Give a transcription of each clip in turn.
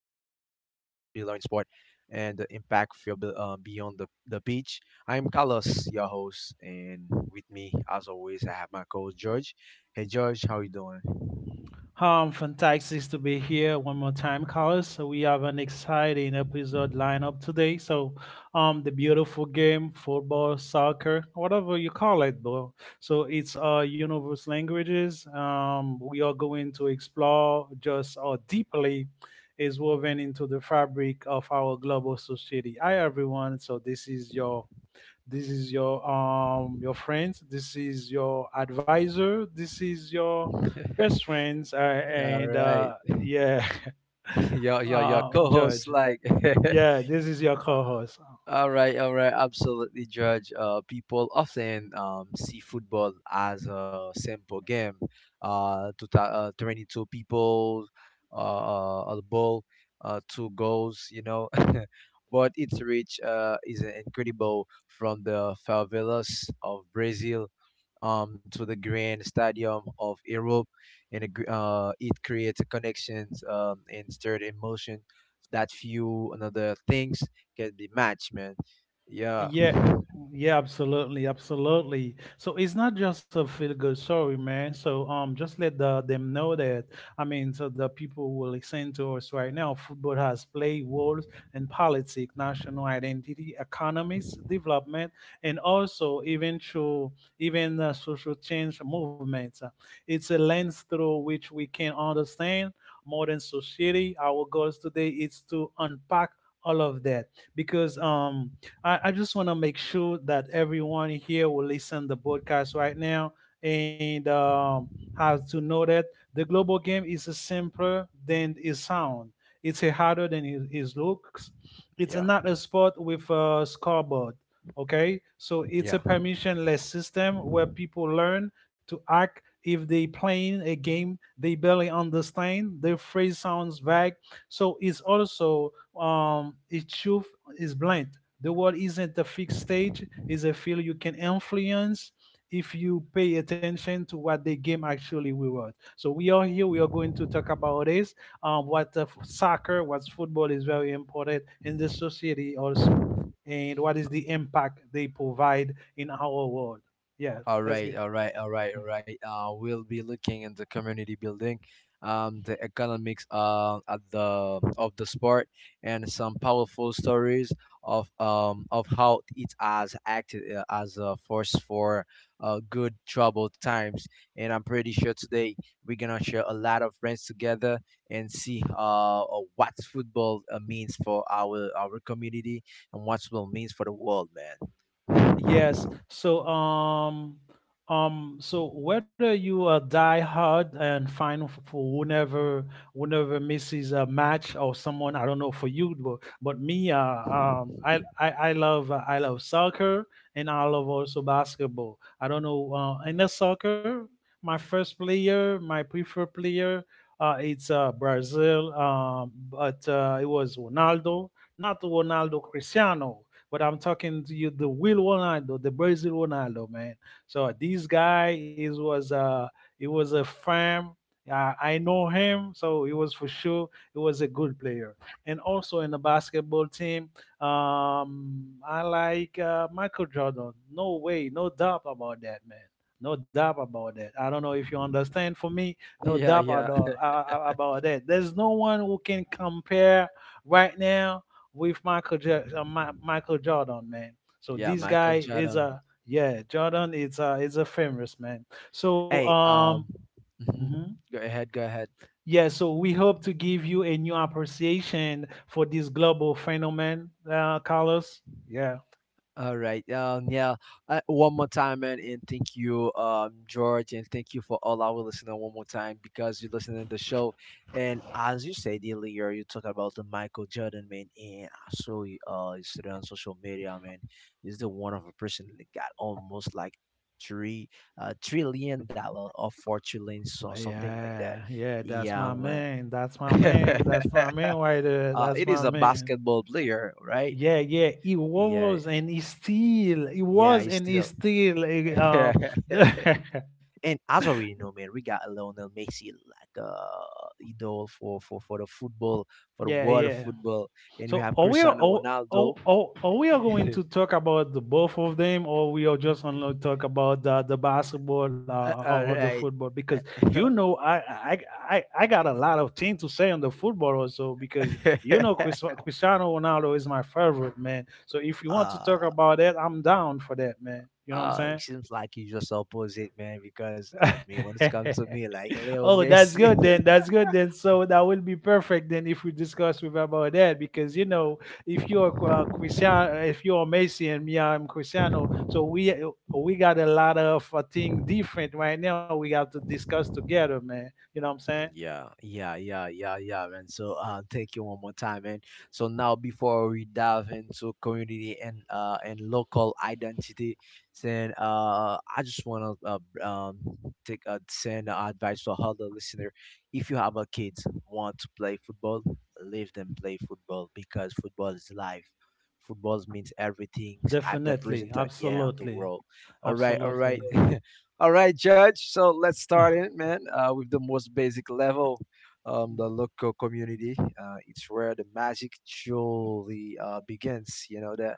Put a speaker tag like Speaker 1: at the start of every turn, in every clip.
Speaker 1: be learned sport and the impact for beyond the pitch. I'm Carlos, your host, and with me, as always, I have my co-host George. Hey, George, how you doing?
Speaker 2: Fantastic to be here one more time, Carlos. So we have an exciting episode lineup today. So, the beautiful game, football, soccer, whatever you call it, bro. So it's universe languages. We are going to explore just how deeply is woven into the fabric of our global society. Hi, everyone. So this is your this is your your friends, this is your advisor, this is your best friends,
Speaker 1: All
Speaker 2: and
Speaker 1: right.
Speaker 2: yeah.
Speaker 1: your your your co-host,
Speaker 2: Judge,
Speaker 1: like.
Speaker 2: yeah, this is your co-host.
Speaker 1: All right, absolutely, Judge. People often see football as a simple game. 22 people, a ball, two goals, you know. But its reach is incredible, from the favelas of Brazil to the grand stadium of Europe. And it creates connections and stirred emotion that few another things can be matched, man. Yeah.
Speaker 2: Yeah, yeah, absolutely, absolutely. So it's not just a feel good story, man. So just let them know that. I mean, so the people who listen to us right now, football has played roles in politics, national identity, economics, development, and also even through even social change movements. It's a lens through which we can understand modern society. Our goals today is to unpack all of that because I just want to make sure that everyone here will listen the podcast right now and have to know that the global game is simpler than it sound. It's a harder than it looks. It's
Speaker 1: Yeah,
Speaker 2: not a sport with a scoreboard. Okay, so it's a
Speaker 1: yeah.
Speaker 2: permissionless system where people learn to act if they playing a game they barely understand. The phrase sounds vague, so it's also its truth is blunt. The world isn't a fixed stage, it's a field you can influence if you pay attention to what the game actually rewards. So we are here, we are going to talk about this, what soccer, what football is very important in the society also, and what is the impact they provide in our world. Yeah,
Speaker 1: All
Speaker 2: let's
Speaker 1: right,
Speaker 2: get.
Speaker 1: all right, all right, all right. We'll be looking in the community building, the economics at the of the sport, and some powerful stories of how it has acted as a force for good trouble times. And I'm pretty sure today we're gonna share a lot of friends together and see what football means for our community, and what football means for the world, man.
Speaker 2: Yes. So so whether you are die hard and fine for whenever whenever misses a match or someone. I don't know for you, but me, I I love soccer and I love also basketball. I don't know, in the soccer my first player my preferred player, it's Brazil, but it was Ronaldo, not Ronaldo Cristiano, but I'm talking to you, the Will Ronaldo, the Brazil Ronaldo, man. So this guy is was it was a fan. I know him, so it was for sure it was a good player. And also in the basketball team, I like, Michael Jordan. No way, no doubt about that, man. No doubt about that. I don't know if you understand. For me, no
Speaker 1: Yeah,
Speaker 2: doubt
Speaker 1: yeah.
Speaker 2: about that. There's no one who can compare right now with Michael Jordan, man. So
Speaker 1: Yeah,
Speaker 2: this
Speaker 1: Michael
Speaker 2: guy is
Speaker 1: Jordan.
Speaker 2: a yeah, Jordan is a famous man. So
Speaker 1: Hey,
Speaker 2: um.
Speaker 1: mhm.
Speaker 2: Mhm.
Speaker 1: Go ahead, go ahead.
Speaker 2: Yeah, so we hope to give you a new appreciation for this global phenomenon, Carlos. Yeah.
Speaker 1: All right. Yeah. One more time, man, and thank you, George, and thank you for all our listener. One more time, because you're listening to the show. And as you said earlier, you talk about the Michael Jordan, man, and I saw you, you said on social media, man, he's the one of a person that got almost like three, trillion dollars or four trillion, so
Speaker 2: Well,
Speaker 1: something like that.
Speaker 2: yeah, yeah, that's
Speaker 1: Yeah,
Speaker 2: my
Speaker 1: man.
Speaker 2: man. That's my man. That's my man right there. That's
Speaker 1: It is
Speaker 2: my
Speaker 1: a
Speaker 2: man.
Speaker 1: basketball player, right?
Speaker 2: Yeah, yeah, he
Speaker 1: Yeah,
Speaker 2: was and he still, he
Speaker 1: yeah,
Speaker 2: was
Speaker 1: he's
Speaker 2: and he
Speaker 1: still.
Speaker 2: still, eh,
Speaker 1: And
Speaker 2: the-
Speaker 1: as already know, man, we got Lionel Messi like idol for for the football, for the
Speaker 2: yeah,
Speaker 1: world of
Speaker 2: yeah.
Speaker 1: football, and we
Speaker 2: So
Speaker 1: have
Speaker 2: are we are
Speaker 1: Cristiano
Speaker 2: are,
Speaker 1: Ronaldo.
Speaker 2: are, are we are going to talk about the both of them, or we are just gonna talk about the basketball, or
Speaker 1: All
Speaker 2: the
Speaker 1: right.
Speaker 2: football? Because you know, I got a lot of things to say on the football also. Because you know, Cristiano Ronaldo is my favorite man. So if you want to talk
Speaker 1: uh,
Speaker 2: about that, I'm down for that, man. You know what
Speaker 1: it
Speaker 2: I'm
Speaker 1: seems like you just opposite, man, because me, when
Speaker 2: saying?
Speaker 1: it's come to me, like Leo
Speaker 2: Oh, that's
Speaker 1: Messi.
Speaker 2: good then. That's good then. So that will be perfect then if we discuss with about that because you know
Speaker 1: Uh,
Speaker 2: if you're Cristiano, if you're Messi and me, I'm Cristiano. So we got a lot of thing different right now. We have to discuss together, man. You know what I'm saying?
Speaker 1: yeah, yeah, yeah, yeah, yeah, man. So, thank you one more time, man. So now, before we dive into community and local identity, then I just wanna take send advice for all the listener. If you have a kids want to play football, leave them play football, because football is life. Football means everything at the
Speaker 2: Definitely,
Speaker 1: present, yeah, on the
Speaker 2: absolutely,
Speaker 1: world. All right, all right.
Speaker 2: absolutely.
Speaker 1: All right, Judge. So let's start it, man, with the most basic level. The local community. It's where the magic truly begins. You know, the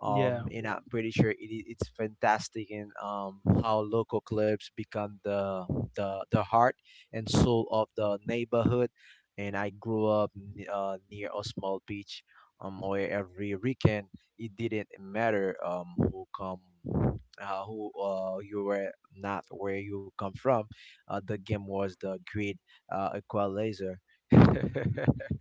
Speaker 2: Yeah.
Speaker 1: and I'm pretty sure it's fantastic in how local clubs become the heart and soul of the neighborhood. And I grew up near a small beach, where every weekend it didn't matter who come. Who you were, not where you come from. The game was the great equalizer.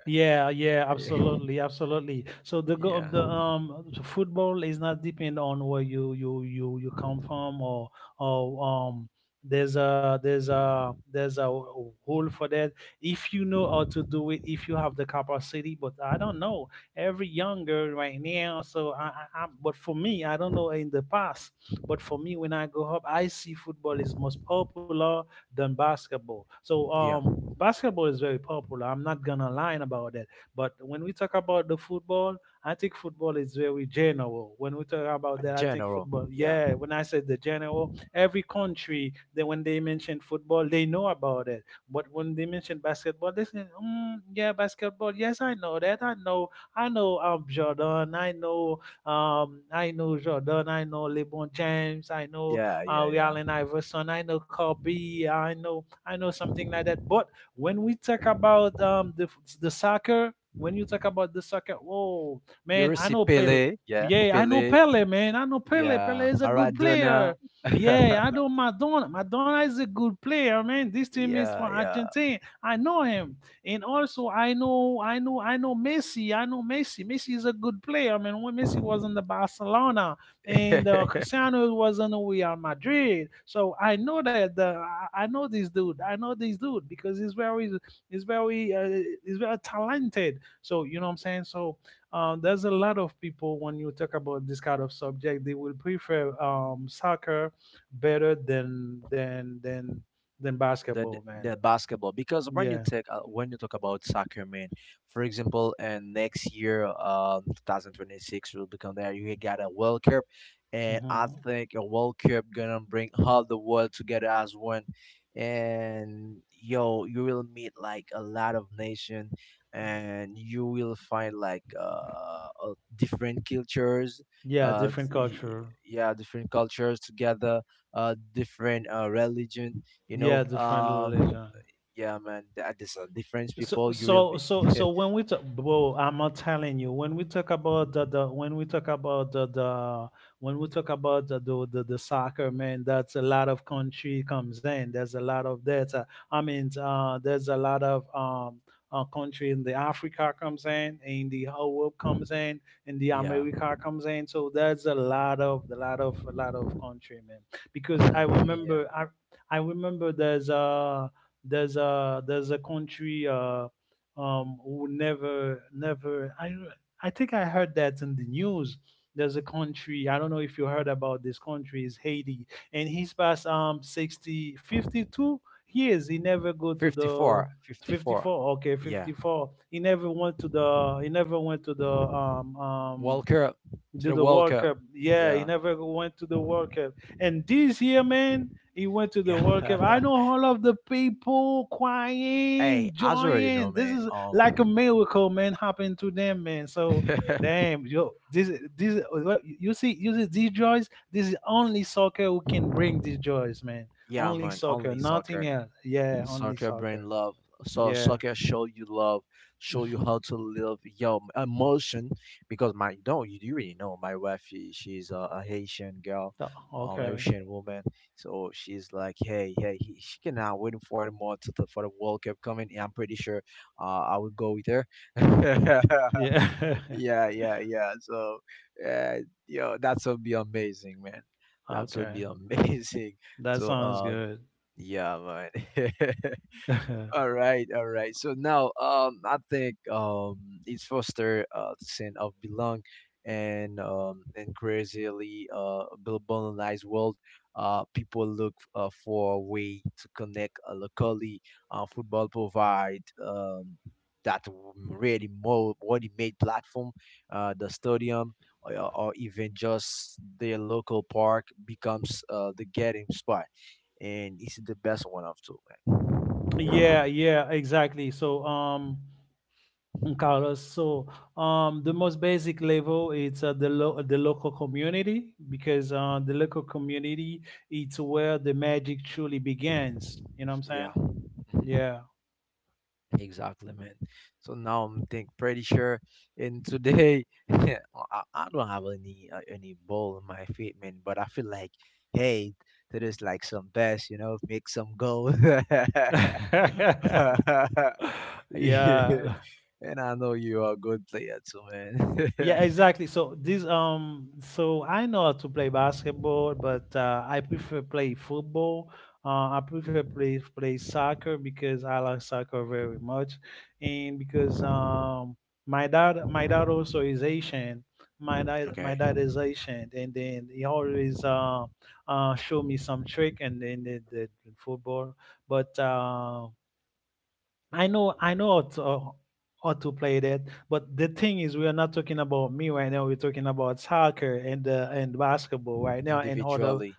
Speaker 2: Yeah, yeah, absolutely, absolutely. So the go
Speaker 1: Yeah,
Speaker 2: the football is not depend on where you come from, or or um there's a hole for that if you know how to do it, if you have the capacity. But I don't know every younger right now, so I but for me, I don't know in the past, but for me when I grow up, I see football is most popular than basketball. So
Speaker 1: yeah.
Speaker 2: basketball is very popular. I'm not gonna lie about that. But when we talk about the football, I think football is very general. When we talk about that, I think
Speaker 1: General,
Speaker 2: football.
Speaker 1: Yeah,
Speaker 2: Yeah, when I said the general, every country, they, when they mention football, they know about it. But when they mention basketball, they say, mm, "Yeah, basketball. Yes, I know that. I know. I know Jordan. I know Jordan. I know LeBron James. I know
Speaker 1: yeah,
Speaker 2: with
Speaker 1: yeah,
Speaker 2: Allen Iverson. I know Kobe. I know something
Speaker 1: yeah.
Speaker 2: like that. But when we talk about the soccer, when you talk about the soccer, whoa,
Speaker 1: You
Speaker 2: man,
Speaker 1: will
Speaker 2: I
Speaker 1: see
Speaker 2: know Pele. Yeah, I know
Speaker 1: Pele,
Speaker 2: Pele, man. I know Pele. Pele
Speaker 1: yeah,
Speaker 2: is a good
Speaker 1: Maradona.
Speaker 2: player. Yeah, I know Madonna. Madonna is a good player, man. This team is from
Speaker 1: Yeah,
Speaker 2: Argentina. I know him, and also I know Messi. I know Messi. Messi is a good player, man. When
Speaker 1: yeah.
Speaker 2: Messi was in the Barcelona, and Cristiano was on Real Madrid. So I know that the I know this dude. I know this dude because he's very he's very talented. So you know what I'm saying. So there's a lot of people when you talk about this kind of subject, they will prefer soccer better than than
Speaker 1: the
Speaker 2: basketball, man.
Speaker 1: the basketball, because when you
Speaker 2: Yeah.
Speaker 1: take when you talk about soccer, man, for example, and next year, um, 2026 will become, there you got a world cup, and I
Speaker 2: Hmm.
Speaker 1: think a world cup gonna bring all the world together as one, and yo, you will meet like a lot of nation, and you will find like different cultures,
Speaker 2: Yeah,
Speaker 1: uh
Speaker 2: different
Speaker 1: y-
Speaker 2: culture.
Speaker 1: yeah, different cultures together, uh, different religion, you
Speaker 2: Yeah,
Speaker 1: know,
Speaker 2: different
Speaker 1: um,
Speaker 2: religion.
Speaker 1: yeah, man, that is a difference
Speaker 2: So
Speaker 1: people you will meet.
Speaker 2: when we talk, bro, I'm not telling you. When we talk about the when we talk about the when we talk about the soccer, man, that's a lot of country comes in. There's a lot of that. I mean, there's a lot of country in the Africa comes in the Europe comes in the
Speaker 1: Yeah.
Speaker 2: America comes in. So there's a lot of country, man. Because I
Speaker 1: Yeah.
Speaker 2: remember I I remember there's a there's a country, who never. I think I heard that in the news. There's a country, I don't know if you heard about this country, is Haiti, and he's past 60 52 years. He never go to
Speaker 1: Fifty
Speaker 2: the
Speaker 1: four, 54,
Speaker 2: 54. Okay,
Speaker 1: yeah.
Speaker 2: 54, he never went to the
Speaker 1: World cup. To
Speaker 2: do
Speaker 1: the
Speaker 2: the
Speaker 1: world
Speaker 2: World
Speaker 1: cup.
Speaker 2: Cup. Yeah, he
Speaker 1: Yeah,
Speaker 2: never went to the World Cup. And this year, man, he went to the
Speaker 1: yeah.
Speaker 2: World Cup. I know all of the people
Speaker 1: Hey,
Speaker 2: crying,
Speaker 1: as you already know,
Speaker 2: joying. This
Speaker 1: man.
Speaker 2: is
Speaker 1: Um.
Speaker 2: like a miracle, man, happened to them, man. So damn, yo, this you see these joys. This is only soccer who can bring these joys, man.
Speaker 1: Yeah,
Speaker 2: Only
Speaker 1: man,
Speaker 2: soccer,
Speaker 1: only
Speaker 2: nothing
Speaker 1: soccer.
Speaker 2: else. Yeah, only
Speaker 1: Soccer
Speaker 2: soccer.
Speaker 1: brain love. So
Speaker 2: Yeah.
Speaker 1: soccer show you love, show you how to live your emotion. Because my no, you do really know my wife. She's a Haitian girl,
Speaker 2: okay.
Speaker 1: Haitian woman. So she's like, hey, hey, he, she cannot waiting for anymore to the, for the World Cup coming. And I'm pretty sure, I would go with her.
Speaker 2: Yeah.
Speaker 1: Yeah, yeah, yeah. So, uh, yo, that would be amazing, man. That would be
Speaker 2: okay.
Speaker 1: amazing.
Speaker 2: That
Speaker 1: So,
Speaker 2: sounds good.
Speaker 1: yeah, man. All right, all right. So now, I think it's foster the sense of belong, and in crazily globalized world, people look for a way to connect locally. Football provide that really more ready made platform, the stadium. Or even just their local park becomes the gathering spot, and it's the best one of two,
Speaker 2: Yeah,
Speaker 1: man.
Speaker 2: yeah, exactly. So, Carlos, so the most basic level, it's the local community, because the local community, it's where the magic truly begins. You know what I'm saying?
Speaker 1: Yeah. Mhm.
Speaker 2: Yeah.
Speaker 1: Exactly, man. So now I'm think pretty sure. And today, I, I don't have any ball in my feet, man. But I feel like, hey, today's like some best, you know, make some goals. Yeah.
Speaker 2: yeah.
Speaker 1: And I know you are a good player too, man.
Speaker 2: Yeah, exactly. So this I know how to play basketball, but I prefer play football. I prefer play soccer because I like soccer very much, and because my dad also is Asian. My
Speaker 1: Okay.
Speaker 2: dad is Asian, and then he always show me some trick and then the football. But I know how to play that, but the thing is, we are not talking about me right now. We're talking about soccer and basketball right now. And other,
Speaker 1: Individually.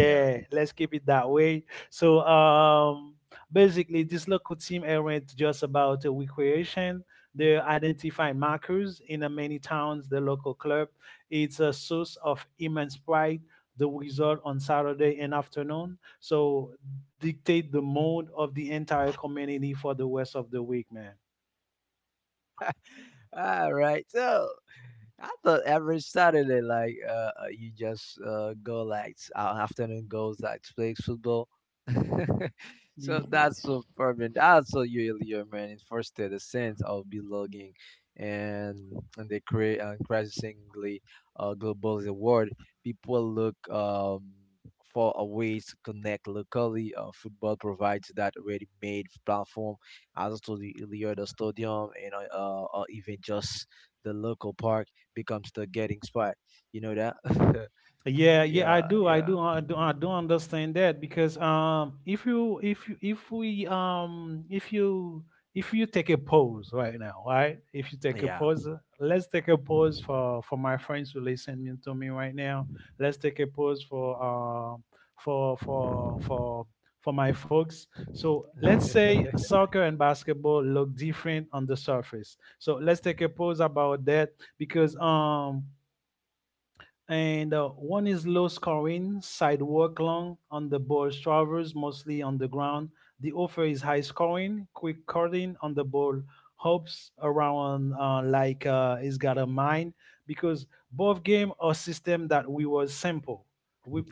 Speaker 1: Yeah.
Speaker 2: let's keep it that way. So, basically, this local team aren't just about a recreation. They identify markers in many towns. The local club, it's a source of immense pride. The result on Saturday and afternoon. So dictate the mode of the entire community for the rest of the week, man.
Speaker 1: All right. So I thought every Saturday, like you just go like afternoon goes like play football. So
Speaker 2: Y-
Speaker 1: that's so perfect. Also, you, your man first the sense of belonging, and and they create an increasingly global the world. People look for a ways to connect locally. Football provides that ready-made platform as to the Iliada Stadium and or even just the local park becomes the getting spot. You know that?
Speaker 2: Yeah, yeah,
Speaker 1: Yeah, yeah,
Speaker 2: I do understand that, because if you, if you, if we, if you take a pause right now, right? If you take a
Speaker 1: yeah,
Speaker 2: pause, let's take a pause for my friends who listen to me right now. Let's take a pause for for for for for my folks. So let's say soccer and basketball look different on the surface. So let's take a pause about that because and one is low scoring, sidewalk long on the ball travels mostly on the ground. The offer is high scoring, quick cutting on the ball, hops around like it's got a mind because both game or system that we was simple,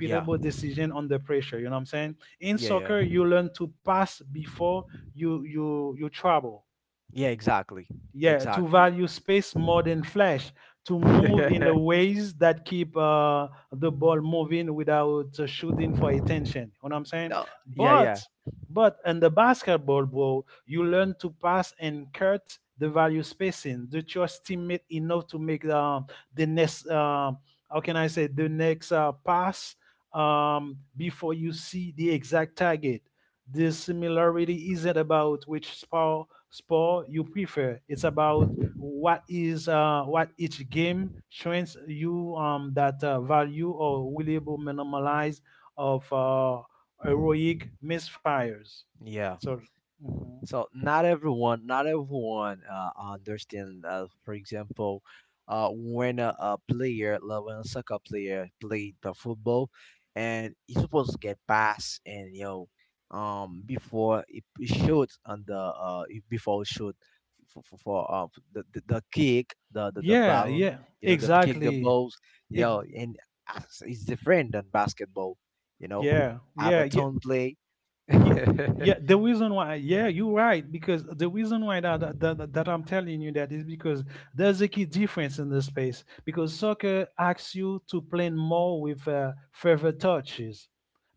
Speaker 1: yeah, yeah,
Speaker 2: decision under pressure. You know what I'm saying? In
Speaker 1: yeah,
Speaker 2: soccer, you learn to pass before you travel,
Speaker 1: yeah. Exactly,
Speaker 2: yeah, to
Speaker 1: exactly.
Speaker 2: value space more than flash to move in
Speaker 1: No,
Speaker 2: the ways that keep the ball moving without shooting for attention, you know what I'm saying?
Speaker 1: yeah, yeah,
Speaker 2: But in the basketball, bro, you learn to pass and cut the value spacing to trust teammate enough to make the next how can I say the next pass before you see the exact target. The similarity isn't about which sport you prefer. It's about what is what each game shows you that value or willable minimize of heroic misfires.
Speaker 1: yeah.
Speaker 2: So, mhm.
Speaker 1: So not everyone, not everyone understand. For example, when a player, like when a soccer player played the football, and he's supposed to get pass, and you know, before he shoot on the before he shoot for for the kick, the
Speaker 2: Yeah,
Speaker 1: ballon,
Speaker 2: yeah,
Speaker 1: you know, the kick the
Speaker 2: exactly.
Speaker 1: balls, you
Speaker 2: Ex-
Speaker 1: know, and it's different than basketball, you know.
Speaker 2: yeah,
Speaker 1: I have
Speaker 2: yeah,
Speaker 1: a
Speaker 2: yeah.
Speaker 1: tone play.
Speaker 2: Y- yeah, the reason why, yeah, you're right, because the reason why that I'm telling you that is because there's a key difference in the space because soccer asks you to play more with further touches.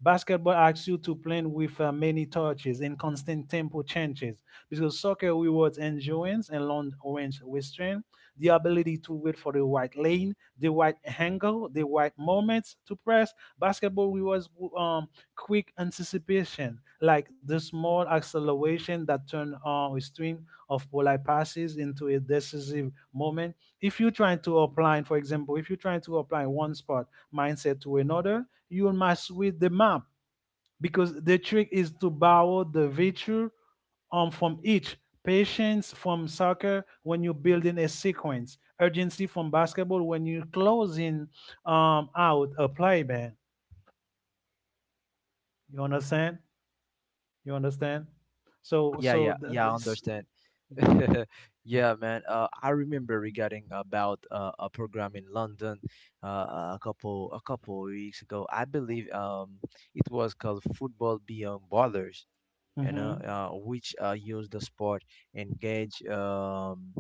Speaker 2: Basketball asks you to play with many touches and constant tempo changes because soccer rewards endurance and long range restraint, the ability to wait for the right lane, the right angle, the right moments to press. Basketball rewards um quick anticipation, like the small acceleration that turned a string of polite passes into a decisive moment. If you're trying to apply, for example, if you're trying to apply one sport mindset to another, you'll mess with the map because the trick is to borrow the virtue from each. Patience from soccer when you're building a sequence. Urgency from basketball when you're closing out a play, man. You understand? You understand? So
Speaker 1: Yeah,
Speaker 2: so
Speaker 1: yeah, yeah, I
Speaker 2: this.
Speaker 1: understand. Yeah, man, I remember regarding about a program in London a couple weeks ago, I believe. Um, it was called Football Beyond Borders, you know,
Speaker 2: Mm-hmm,
Speaker 1: which use the sport engage um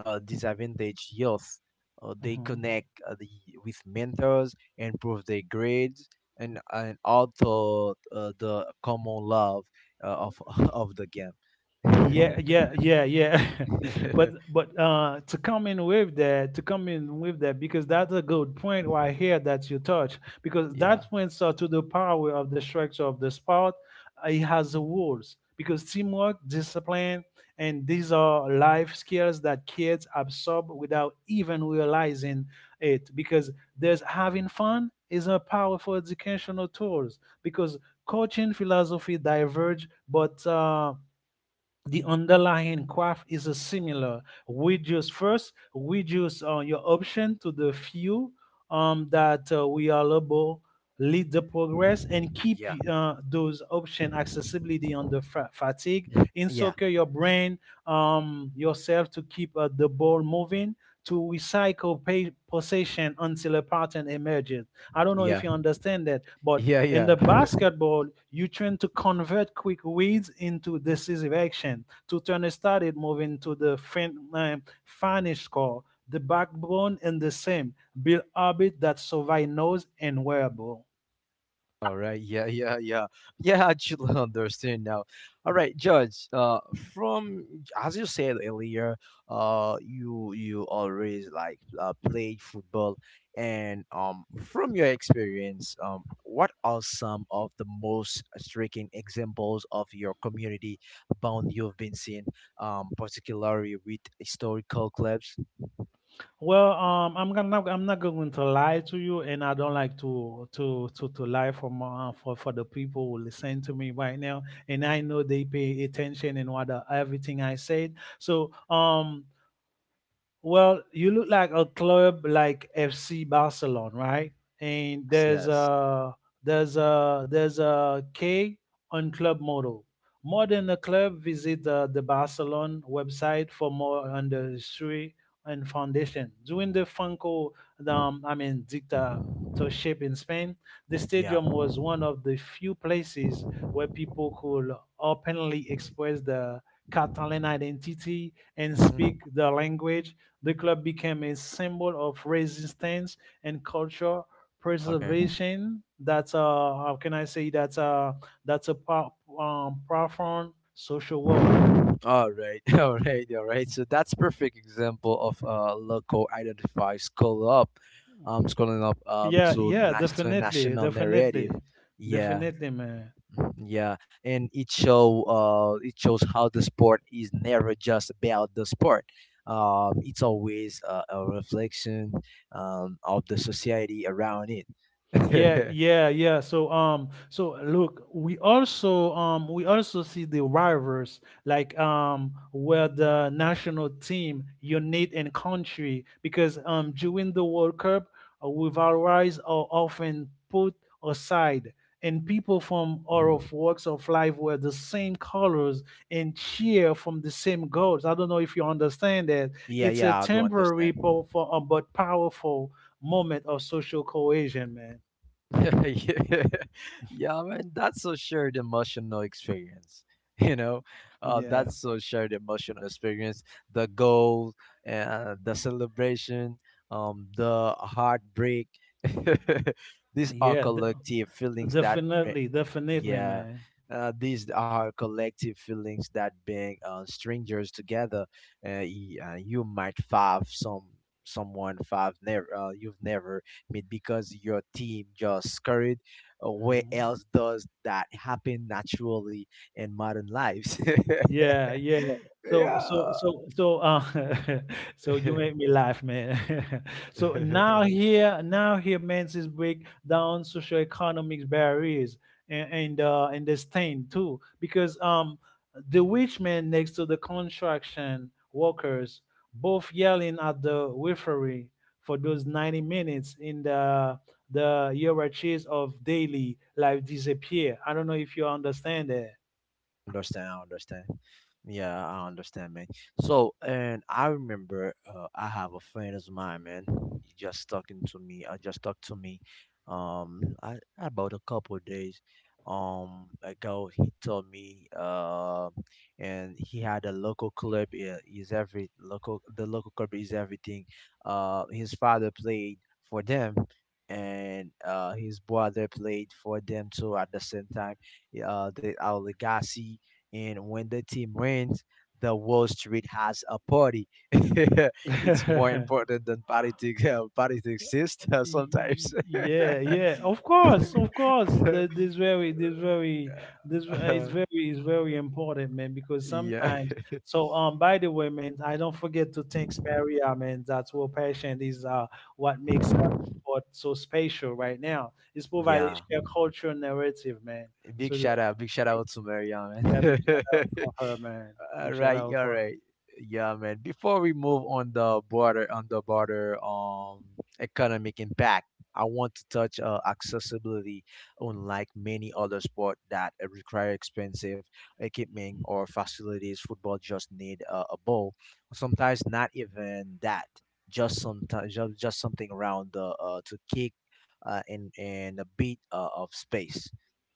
Speaker 1: uh, disadvantaged youth. They
Speaker 2: mm-hmm.
Speaker 1: connect with mentors, improve their grades, and also the common love of of the game.
Speaker 2: Yeah, yeah, yeah, yeah.
Speaker 1: Yeah.
Speaker 2: But to come in with that, to come in with that, because that's a good point right here that you touch, because
Speaker 1: Yeah.
Speaker 2: that points to the power of the structure of the sport. It has rules because teamwork, discipline, and these are life skills that kids absorb without even realizing it. Because there's having fun is a powerful educational tools because coaching philosophy diverge, but the underlying graph is a similar. We just first reduce your option to the few that we are able lead the progress and keep
Speaker 1: Yeah,
Speaker 2: those option accessibility on the fatigue encircle your brain yourself to keep the ball moving to recycle possession until a pattern emerges. I don't know if
Speaker 1: yeah,
Speaker 2: you understand that, but
Speaker 1: yeah,
Speaker 2: in
Speaker 1: yeah.
Speaker 2: the basketball, you trying to convert quick reads into decisive action to turn a started move into the finish score. The backbone and the same build orbit that survive knows and wearable.
Speaker 1: All right, yeah, yeah, yeah, yeah. I actually understand now. All right, Judge. From, as you said earlier, you always like played football, and from your experience, what are some of the most striking examples of your community bond you've been seeing, particularly with historical clubs?
Speaker 2: Well, I'm not going to lie to you, and I don't like to lie for my, for the people who listen to me right now, and I know they pay attention and what everything I said. So, well, you look like a club like FC Barcelona, right? And there's
Speaker 1: Yes.
Speaker 2: a there's a K on club model. More than a club, visit the Barcelona website for more on the history and foundation. During the Franco, I mean dictatorship in Spain, the
Speaker 1: Yeah.
Speaker 2: stadium was one of the few places where people could openly express their Catalan identity and
Speaker 1: Hmm.
Speaker 2: speak the language. The club became a symbol of resistance and culture
Speaker 1: Okay.
Speaker 2: preservation. That's how can I say that? That's a profound social role.
Speaker 1: All right. All right. All right. So that's perfect example of local identify scroll up, scrolling up
Speaker 2: Yeah,
Speaker 1: to
Speaker 2: yeah,
Speaker 1: to a
Speaker 2: definitely,
Speaker 1: national narrative.
Speaker 2: definitely,
Speaker 1: Yeah.
Speaker 2: definitely, man.
Speaker 1: Yeah, and it show it shows how the sport is never just about the sport. It's always a reflection of the society around it.
Speaker 2: Yeah, yeah, yeah. So so look, we also see the rivals like where the national team unite in country because during the World Cup, rivalries are often put aside and people from all of walks of life wear the same colors and cheer from the same goals. I don't know if you understand that.
Speaker 1: Yeah,
Speaker 2: It's a
Speaker 1: yeah, I do understand.
Speaker 2: temporary but powerful moment of social cohesion, man.
Speaker 1: Yeah, yeah, man, that's a shared emotional experience. You know,
Speaker 2: Yeah.
Speaker 1: that's a shared emotional experience. The goal, the celebration, the heartbreak. These are
Speaker 2: Yeah.
Speaker 1: collective feelings that eh,
Speaker 2: Definitely. Definitely,
Speaker 1: yeah,
Speaker 2: man.
Speaker 1: these are collective feelings that bring strangers together. You might five some someone five never you've never met because your team just scurried. Where
Speaker 2: Mhm.
Speaker 1: else does that happen naturally in modern lives?
Speaker 2: Yeah, yeah. So, so,
Speaker 1: Yeah.
Speaker 2: so, so, uh, so you make me laugh, man. So now here, man, is break down socioeconomic barriers and and the stain too, because the witch man next to the construction workers both yelling at the referee for those 90 minutes in the hierarchies of daily life disappear. I don't know if you understand
Speaker 1: Understand. I understand. Yeah, I understand, man. So, and I remember I have a friend of mine, man. He just talking to me. I just talked to me. I, about a couple of days ago, he told me. And he had a local club. Is every local The local club is everything. His father played for them. And his brother played for them too at the same time. Yeah. The our legacy, and when the team wins, the Wall Street has a party. It's more
Speaker 2: that.
Speaker 1: important than politics. Politics is sometimes.
Speaker 2: Yeah, yeah, of course, of course. That this very, this very, this
Speaker 1: Uh,
Speaker 2: is very important, man. Because
Speaker 1: yeah.
Speaker 2: sometimes, so by the way, man, I don't forget to thank Maria, man. That's what passion is. What makes the sport so special right now. It's providing
Speaker 1: Yeah.
Speaker 2: shared cultural narrative, man.
Speaker 1: Big
Speaker 2: So the,
Speaker 1: shout out. Big shout
Speaker 2: big,
Speaker 1: out to Maria,
Speaker 2: yeah, big
Speaker 1: man.
Speaker 2: shout out for her, man.
Speaker 1: All
Speaker 2: Big shout
Speaker 1: right,
Speaker 2: out
Speaker 1: all
Speaker 2: for her.
Speaker 1: right. Yeah, man. Before we move on the border, um, economic impact, I want to touch accessibility. Unlike many other sport that require expensive equipment or facilities, football just need a ball. Sometimes not even that. Just sometimes just something around the to kick and a bit of space,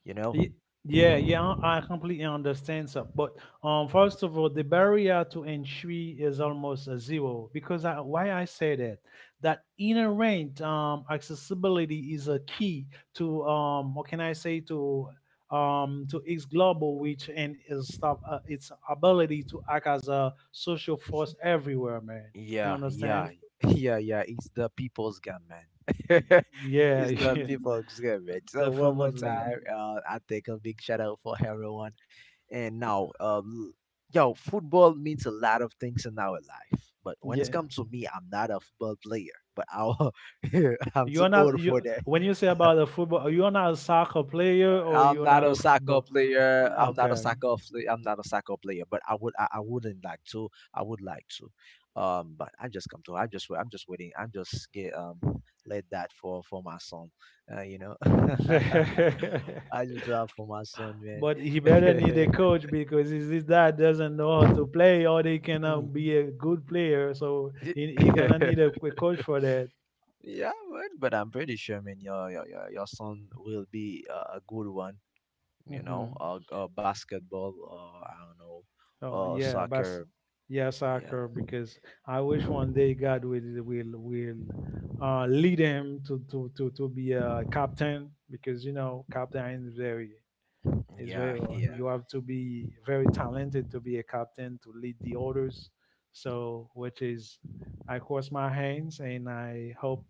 Speaker 1: you know.
Speaker 2: Ye- Yeah, yeah, I completely understand, sir. But first of all, the barrier to entry is almost a zero because I, why I say that that inherent accessibility is a key to what can I say to its global reach and its its ability to act as a social force everywhere, man. You
Speaker 1: Yeah, yeah,
Speaker 2: understand?
Speaker 1: yeah, yeah. It's the people's gun, man.
Speaker 2: Yeah,
Speaker 1: It's the
Speaker 2: yeah,
Speaker 1: people's gun, man. So one more
Speaker 2: definitely.
Speaker 1: time, I take a big shout out for everyone. And now, yo, football means a lot of things in our life. But when it
Speaker 2: Yeah,
Speaker 1: comes to me, I'm not a football player. But I'll, I'm too
Speaker 2: you're not
Speaker 1: old for
Speaker 2: you when you say about a football, you're not a soccer player or
Speaker 1: I'm
Speaker 2: you're
Speaker 1: not
Speaker 2: not
Speaker 1: a
Speaker 2: a
Speaker 1: soccer
Speaker 2: football.
Speaker 1: player.
Speaker 2: Okay.
Speaker 1: I'm not a soccer player. But I would. I wouldn't like to. I would like to. But I just come to. I'm just waiting. I'm just get let that for my son. You know. I just love for my son, man.
Speaker 2: But he better need a coach because his dad doesn't know how to play or they cannot be a good player. So he gonna need a coach for that.
Speaker 1: Yeah, man. But I'm pretty sure, man. Your son will be a good one. You know,
Speaker 2: Hmm.
Speaker 1: basketball. I don't know.
Speaker 2: Oh yeah, but
Speaker 1: Soccer.
Speaker 2: yeah,
Speaker 1: Yeah.
Speaker 2: soccer because I wish one day God will lead him to, be a captain because you know captain is very, it's very
Speaker 1: Yeah,
Speaker 2: hard.
Speaker 1: here.
Speaker 2: You have to be very talented to be a captain to lead the others. So, which is, I cross my hands and I hope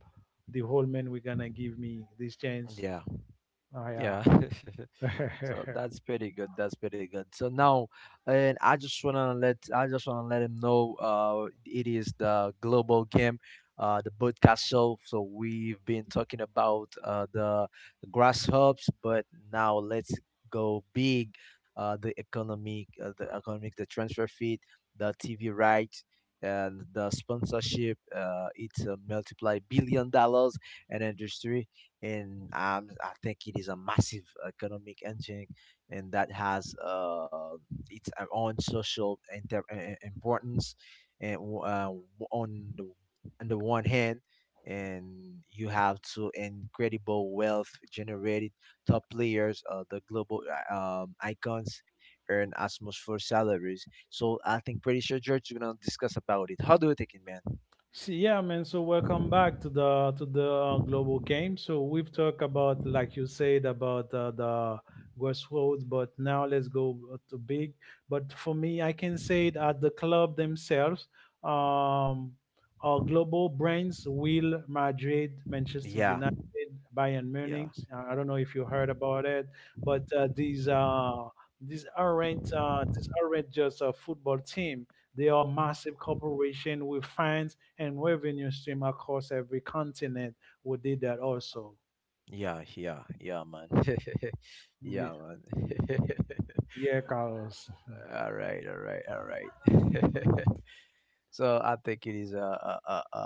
Speaker 2: the whole men we're gonna give me this chance.
Speaker 1: Yeah,
Speaker 2: Oh
Speaker 1: yeah.
Speaker 2: yeah.
Speaker 1: So that's pretty good. That's pretty good. So now, and I just wanna let him know. It is the global game, the podcast show. So we've been talking about the grasshops, but now let's go big. The economic, the transfer fee, the TV rights. And the sponsorship, it's a multiply billion dollars and industry and I think it is a massive economic engine, and that has its own social importance, and on the on the one hand, and you have two incredible wealth generated top players, the global icons earn as salaries. So I think pretty sure George is gonna discuss about it. How do you think it, man?
Speaker 2: See, yeah, man. So welcome back to the global game. So we've talked about, like you said, about the grassroots, but now let's go to big. But for me, I can say that the club themselves, um, are global brands: Will Madrid, Manchester
Speaker 1: Yeah,
Speaker 2: United, Bayern
Speaker 1: yeah.
Speaker 2: Munich. I don't know if you heard about it, but these aren't just a football team. They are massive corporation with fans and revenue stream across every continent. We did that also.
Speaker 1: Yeah, yeah, yeah, man.
Speaker 2: Ye-
Speaker 1: yeah, man.
Speaker 2: Yeah, Carlos.
Speaker 1: All right, all right, all right. So I think it is a a, a a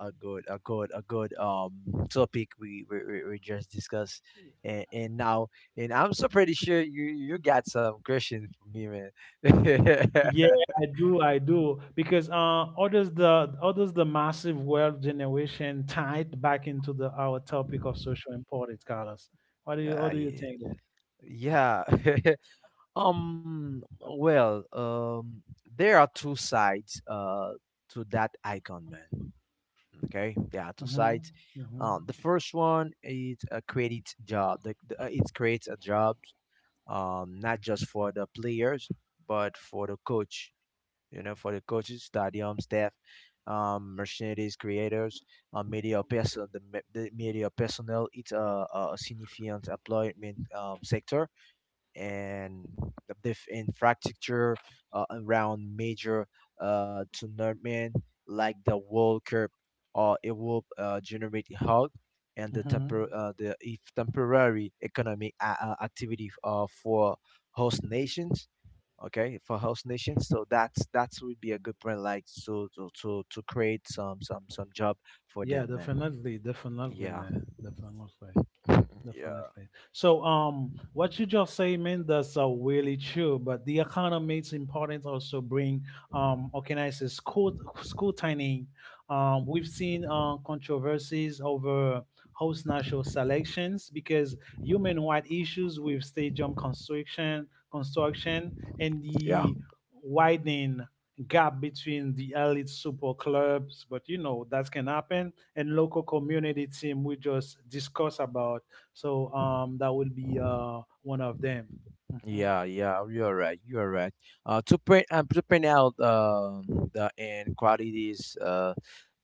Speaker 1: a a good topic we just discussed. And, now and I'm so pretty sure you got some questions for me, man.
Speaker 2: Yeah, I do. I do because others the massive wealth generation tied back into the our topic of social importance, Carlos.
Speaker 1: Ah,
Speaker 2: What do you
Speaker 1: yeah.
Speaker 2: think there?
Speaker 1: Yeah. Well, there are two sides to that icon, man. Okay, there are two
Speaker 2: Mm-hmm.
Speaker 1: sides.
Speaker 2: Mm-hmm.
Speaker 1: The first one is creates job. It creates a job, not just for the players, but for the coach. You know, for the coaches, stadium staff, mercenaries, creators, media person, the media personnel. It's a significant employment sector and the diff infrastructure around major tournament like the World Cup or it will generate help and the
Speaker 2: Mm-hmm.
Speaker 1: temper, the if temporary economic activity for host nations. Okay, for host nations. So that would be a good point, like, so to create some job for
Speaker 2: Yeah,
Speaker 1: them, man.
Speaker 2: definitely, definitely,
Speaker 1: Yeah.
Speaker 2: man, definitely.
Speaker 1: Yeah.
Speaker 2: Definitely. So, what you just say, man, that's really true. But the economics importance also bring, organized school scrutiny. We've seen controversies over host national selections because human rights issues with stadium construction, and
Speaker 1: Yeah.
Speaker 2: the widening gap between the elite super clubs. But you know that can happen, and local community team. We just discuss about, so that will be one of them. Mhm.
Speaker 1: Yeah, yeah, you're right. You're right. To print out the inequalities.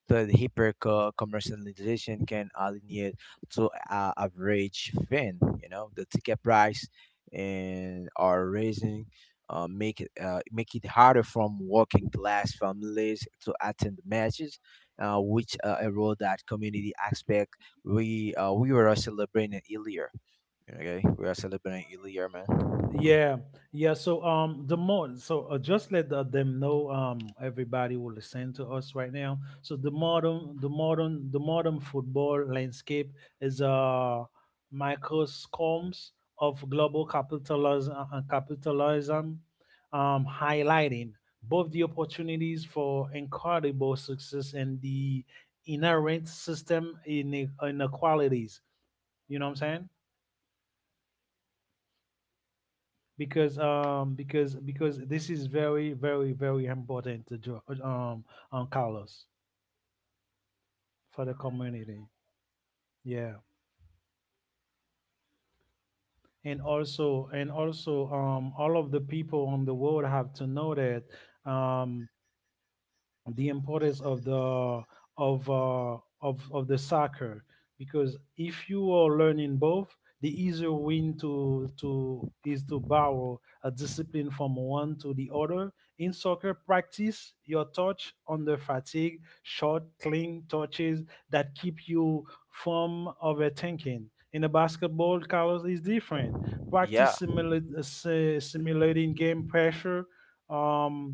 Speaker 1: The hyper commercialization can alienate to a average fan. You know, the ticket price and are raising. Make it make it harder from working class families to attend the matches, which erode that community aspect we were celebrating earlier. Okay, we are celebrating earlier, man.
Speaker 2: Yeah, yeah. So the more so just let the, them know everybody will listen to us right now. So the modern football landscape is a microscomes of global capitalism, capitalism, highlighting both the opportunities for incredible success and the inherent system inequalities. You know what I'm saying? Because this is very very very important to Carlos for the community. Yeah. And also and also all of the people on the world have to know that um the importance of the of of the soccer because if you are learning both the easier win to is to borrow a discipline from one to the other in soccer practice your touch under fatigue short clean touches that keep you from overthinking in a basketball carlos is different practice
Speaker 1: Yeah,
Speaker 2: simulating game pressure um,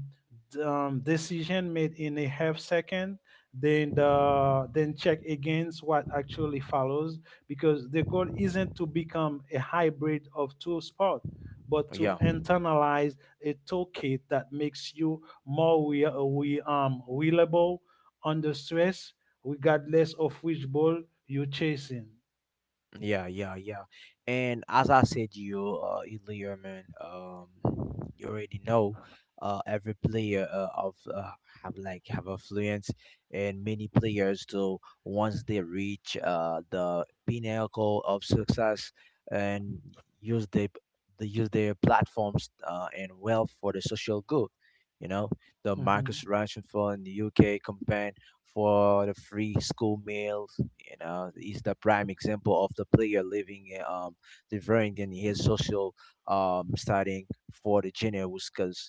Speaker 2: decision made in a half second then the then check against what actually follows because the goal isn't to become a hybrid of two sports but to
Speaker 1: yeah.
Speaker 2: internalize a toolkit that makes you more we reliable under stress regardless of which ball you're chasing.
Speaker 1: Yeah, yeah, yeah. And as I said to you earlier, man, you already know every player of have like have affluence, and many players too. Once they reach the pinnacle of success and use the they use their platforms and wealth for the social good. You know, the
Speaker 2: Mm-hmm.
Speaker 1: Marcus Rashford in the UK campaign for the free school meals, you know, he's the prime example of the player living different than his social studying for the junior, because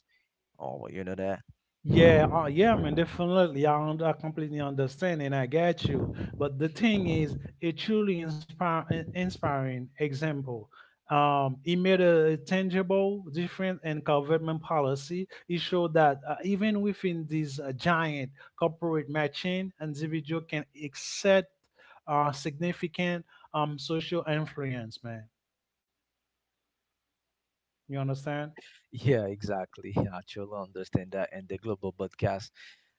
Speaker 1: oh, you know that.
Speaker 2: Yeah, yeah, man, definitely. I, I completely understand and I get you. But the thing is, a truly inspiring example. He made a tangible difference in government policy. It showed that even within this giant corporate machine, individual can exert significant social influence, man. You understand?
Speaker 1: Yeah, exactly. Yeah, I truly understand that. And the global broadcast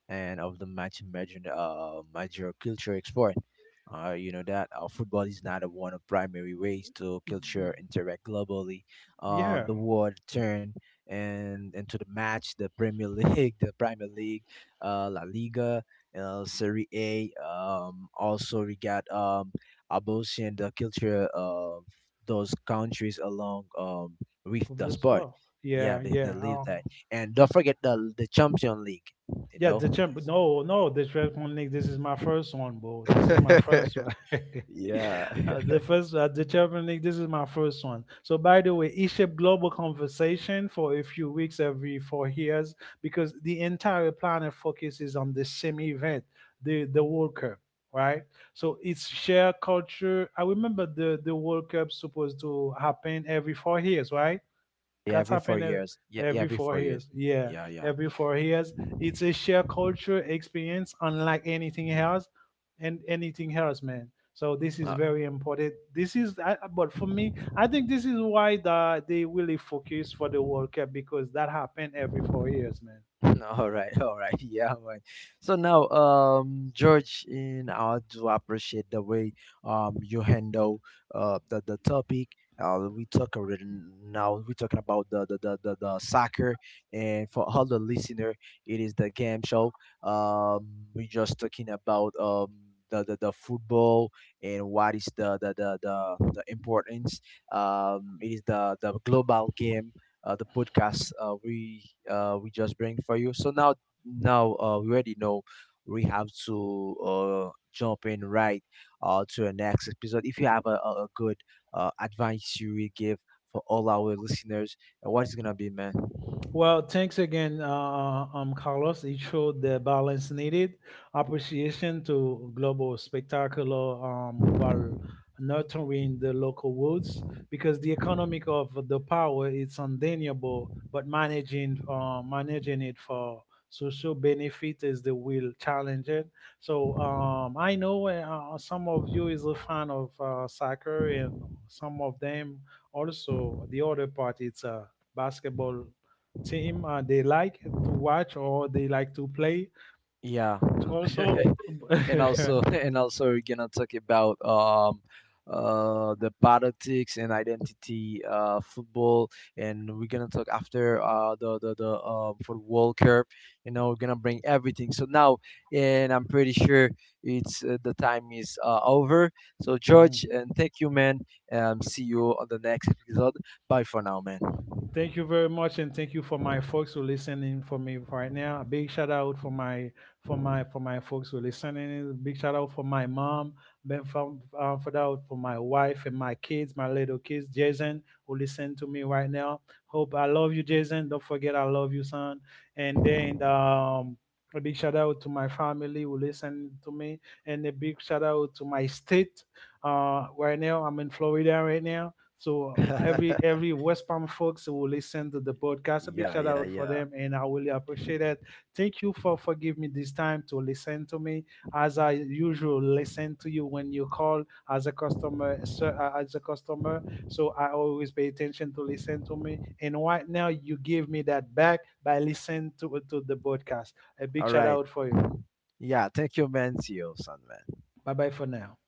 Speaker 1: and of the match major, major culture export. You know that football is not a one of primary ways to
Speaker 2: Y-
Speaker 1: culture interact globally.
Speaker 2: Yeah,
Speaker 1: The world turn and into the match, the Premier League, the Premier League, La Liga, Serie A. Also we got about seeing the culture of those countries along with
Speaker 2: of
Speaker 1: the
Speaker 2: this
Speaker 1: sport.
Speaker 2: well.
Speaker 1: Yeah,
Speaker 2: Yeah,
Speaker 1: they
Speaker 2: yeah.
Speaker 1: live that. And
Speaker 2: Uh,
Speaker 1: don't forget the Champion League. You
Speaker 2: yeah,
Speaker 1: know,
Speaker 2: the champ. No, no, the Champions league. This is my first one, bro. This is my first one.
Speaker 1: yeah.
Speaker 2: The first, the Champions league. This is my first one. So, by the way, eShip Global Conversation for a few weeks every 4 years because the entire planet focuses on the same event, the World Cup, right? So it's shared culture. I remember the World Cup supposed to happen every 4 years, right?
Speaker 1: yeah,
Speaker 2: That's
Speaker 1: every four
Speaker 2: happened ev-
Speaker 1: years. Yeah, yeah,
Speaker 2: every
Speaker 1: every
Speaker 2: four
Speaker 1: 4 years.
Speaker 2: years. Yeah,
Speaker 1: Yeah, yeah.
Speaker 2: every 4 years. It's a shared culture experience, unlike anything else, and anything else, man. So this is very important. This is, but for me, I think this is why the, they really focus for the World Cup because that happened every 4 years.
Speaker 1: All right, all right, yeah, man. So now, George, and I do appreciate the way you handle the topic we talk already. Now we talking about the soccer, and for all the listener, it is the game show. um we just talking about the football, and what is the importance. It is the global game, the podcast we just bring for you. So now, now we already know we have to jump in right to the next episode. If you have a good advice you will give for all our listeners, what is gonna be, man?
Speaker 2: Well, thanks again, Carlos. It showed the balance needed, appreciation to global spectacular while nurturing the local woods because the economic of the power is undeniable, but managing managing it for social benefit is the real challenge. So I know some of you is a fan of soccer and some of them also the other part it's basketball team they like to watch or they like to play.
Speaker 1: Yeah.
Speaker 2: To also,
Speaker 1: And also and also we're gonna talk about the politics and identity football, and we're gonna talk after the for world cup. You know, we're gonna bring everything. So now, and I'm pretty sure it's the time is over. So George,
Speaker 2: mhm.
Speaker 1: and thank you, man. See you on the next episode. Bye for now, man.
Speaker 2: Thank you very much, and thank you for my folks who listening for me right now. A big shout out for my for my folks who listening. A big shout out for my mom, Ben for that for my wife and my kids, my little kids, Jason who listen to me right now. Hope I love you, Jason. Don't forget I love you, son. And then. A big shout out to my family who listen to me, and a big shout out to my state. Right now, I'm in Florida right now, so every every West Palm folks who listen to the podcast, a big
Speaker 1: Yeah,
Speaker 2: shout
Speaker 1: yeah,
Speaker 2: out for
Speaker 1: yeah.
Speaker 2: them, and I really appreciate it. Thank you for giving me this time to listen to me, as I usually listen to you when you call as a customer, sir, as a customer. So I always pay attention to listen to me, and right now you give me that back by listening to the podcast. A big
Speaker 1: All
Speaker 2: shout
Speaker 1: right.
Speaker 2: out for you.
Speaker 1: Yeah, thank you, man. See you, son, man.
Speaker 2: Bye bye for now.